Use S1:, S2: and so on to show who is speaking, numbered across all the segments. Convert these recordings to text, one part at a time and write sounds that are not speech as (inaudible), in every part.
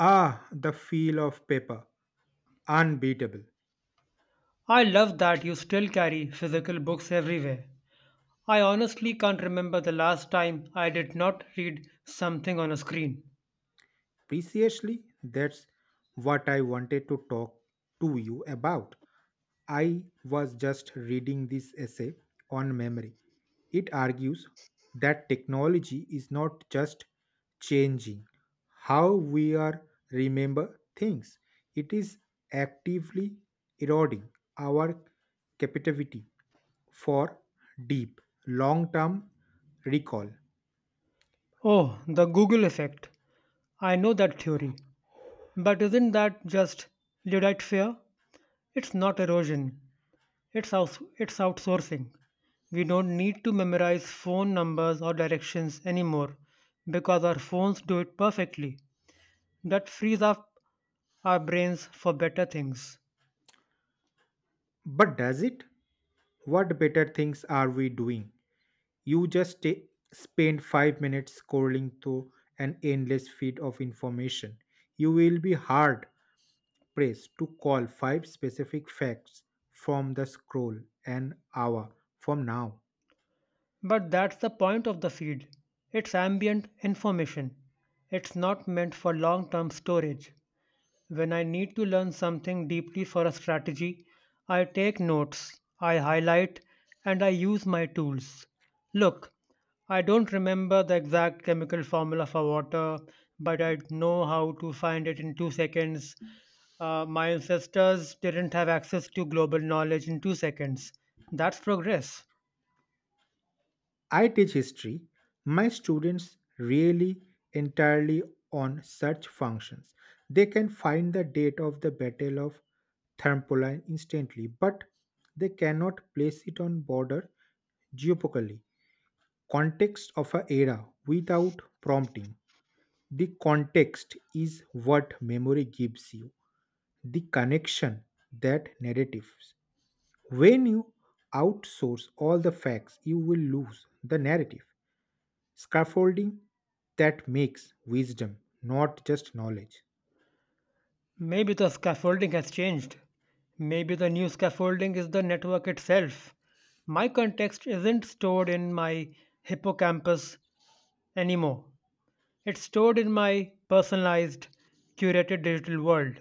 S1: Ah, the feel of paper. Unbeatable.
S2: I love that you still carry physical books everywhere. I honestly can't remember the last time I did not read something on a screen.
S1: Preciously, that's what I wanted to talk to you about. I was just reading this essay on memory. It argues that technology is not just changing how we are remember things. It is actively eroding our capacity for deep long-term recall.
S2: Oh, the Google effect. I know that theory. But isn't that just Luddite fear? It's not erosion, it's outsourcing. We don't need to memorize phone numbers or directions anymore because our phones do it perfectly. That frees up our brains for better things.
S1: But does it? What better things are we doing? You spend 5 minutes scrolling through an endless feed of information. You will be hard pressed to call 5 specific facts from the scroll an hour from now.
S2: But that's the point of the feed. It's ambient information. It's not meant for long term storage. When I need to learn something deeply for a strategy, I take notes, I highlight, and I use my tools. Look, I don't remember the exact chemical formula for water, but I know how to find it in 2 seconds. My ancestors didn't have access to global knowledge in 2 seconds. That's progress.
S1: I teach history. My students really entirely on search functions. They can find the date of the Battle of Thermopylae instantly, but they cannot place it on border geographically. Context of a era without prompting. The context is what memory gives you. The connection that narratives. When you outsource all the facts, you will lose the narrative scaffolding that makes wisdom not just knowledge.
S2: Maybe the scaffolding has changed. Maybe the new scaffolding is the network itself. My context isn't stored in my hippocampus anymore. It's stored in my personalized, curated digital world.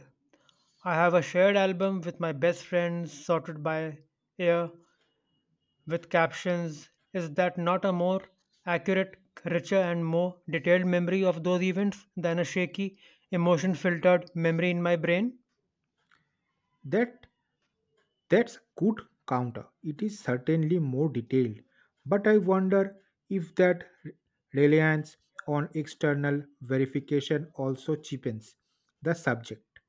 S2: I have a shared album with my best friends sorted by year with captions. Is that not a more accurate, richer, and more detailed memory of those events than a shaky, emotion filtered memory in my brain?
S1: That that's good counter. It is certainly more detailed, but I wonder if that reliance on external verification also cheapens the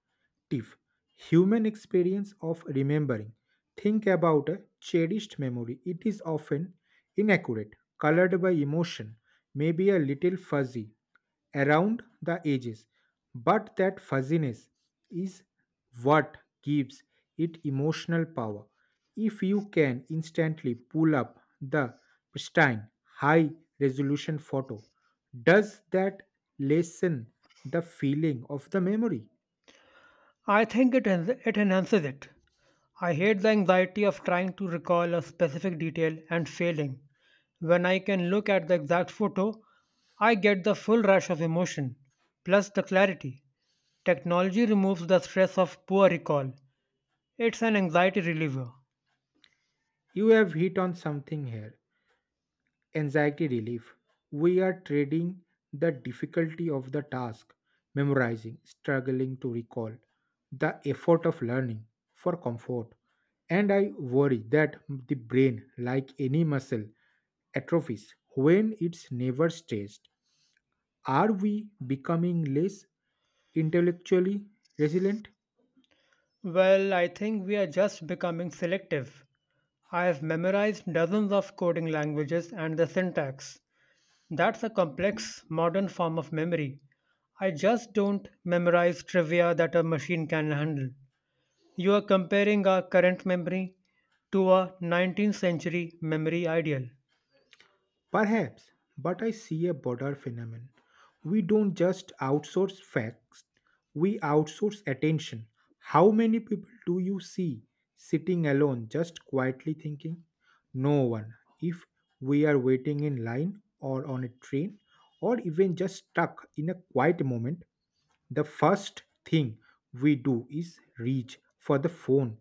S1: Tiff, human experience of remembering. Think about a cherished memory. It is often inaccurate, colored by emotion, maybe a little fuzzy around the edges. But that fuzziness is what gives it emotional power. If you can instantly pull up the pristine high resolution photo, does that lessen the feeling of the memory?
S2: I think it enhances it. I hate the anxiety of trying to recall a specific detail and failing. When I can look at the exact photo, I get the full rush of emotion, plus the clarity. Technology removes the stress of poor recall. It's an anxiety reliever.
S1: You have hit on something here: anxiety relief. We are trading the difficulty of the task, memorizing, struggling to recall, the effort of learning, for comfort. And I worry that the brain, like any muscle, atrophies when it's never stressed. Are we becoming less intellectually resilient?
S2: Well, I think we are just becoming selective. I have memorized dozens of coding languages and the syntax. That's a complex, modern form of memory. I just don't memorize trivia that a machine can handle. You are comparing our current memory to a 19th century memory ideal.
S1: Perhaps, but I see a broader phenomenon. We don't just outsource facts, we outsource attention. How many people do you see sitting alone, just quietly thinking? No one. If we are waiting in line or on a train or even just stuck in a quiet moment, the first thing we do is reach for the phone.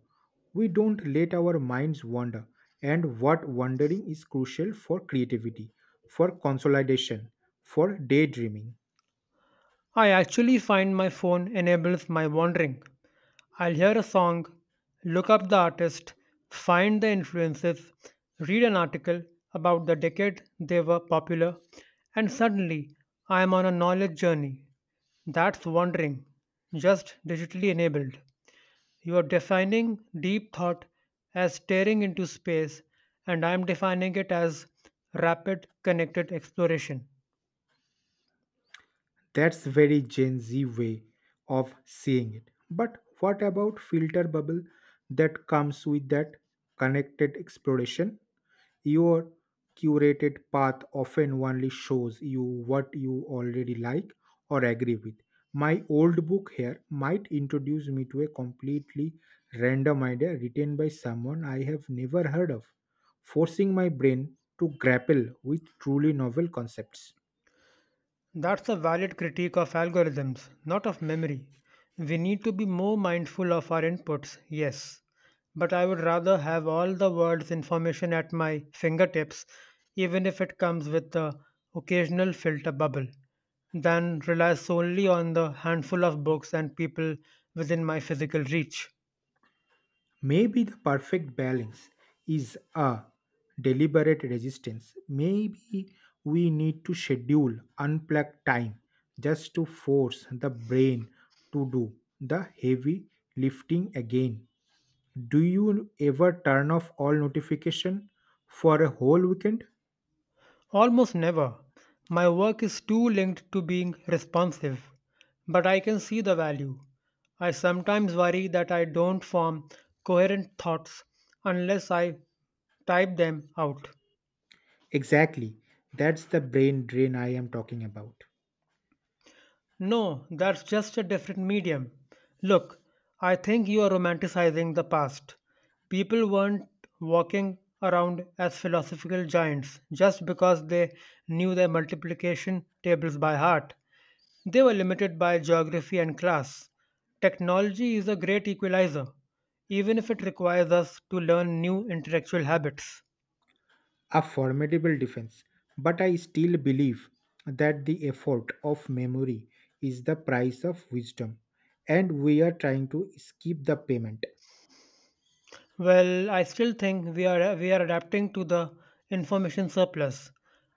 S1: We don't let our minds wander, and what wandering is crucial for creativity, for consolidation, for daydreaming.
S2: I actually find my phone enables my wandering. I'll hear a song, look up the artist, find the influences, read an article about the decade they were popular, and suddenly I am on a knowledge journey. That's wandering, just digitally enabled. You are defining deep thought as staring into space, and I'm defining it as rapid connected exploration.
S1: That's very Gen Z way of seeing it. But what about filter bubble that comes with that connected exploration? Your curated path often only shows you what you already like or agree with. My old book here might introduce me to a completely random idea written by someone I have never heard of, forcing my brain to grapple with truly novel concepts.
S2: That's a valid critique of algorithms, not of memory. We need to be more mindful of our inputs, yes. But I would rather have all the world's information at my fingertips, even if it comes with the occasional filter bubble, than rely solely on the handful of books and people within my physical reach.
S1: Maybe the perfect balance is a deliberate resistance. Maybe we need to schedule unplugged time just to force the brain to do the heavy lifting again. Do you ever turn off all notification for a whole weekend?
S2: Almost never. My work is too linked to being responsive, but I can see the value. I sometimes worry that I don't form coherent thoughts unless I type them out.
S1: Exactly. That's the brain drain I am talking about.
S2: No, that's just a different medium. Look, I think you are romanticizing the past. People weren't walking around as philosophical giants just because they knew their multiplication tables by heart. They were limited by geography and class. Technology is a great equalizer, even if it requires us to learn new intellectual habits.
S1: A formidable defense, but I still believe that the effort of memory is the price of wisdom, and we are trying to skip the payment.
S2: Well, I still think we are adapting to the information surplus.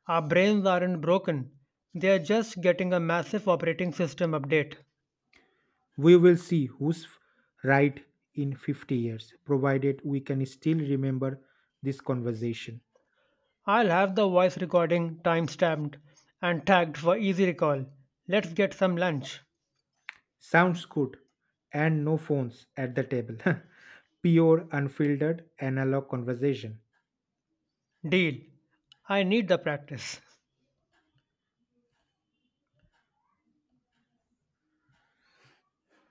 S2: Our brains aren't broken. They are just getting a massive operating system update.
S1: We will see who's right in 50 years, provided we can still remember this conversation.
S2: I'll have the voice recording timestamped and tagged for easy recall. Let's get some lunch.
S1: Sounds good, and no phones at the table. (laughs) Pure, unfiltered, analog conversation.
S2: Deal. I need the practice.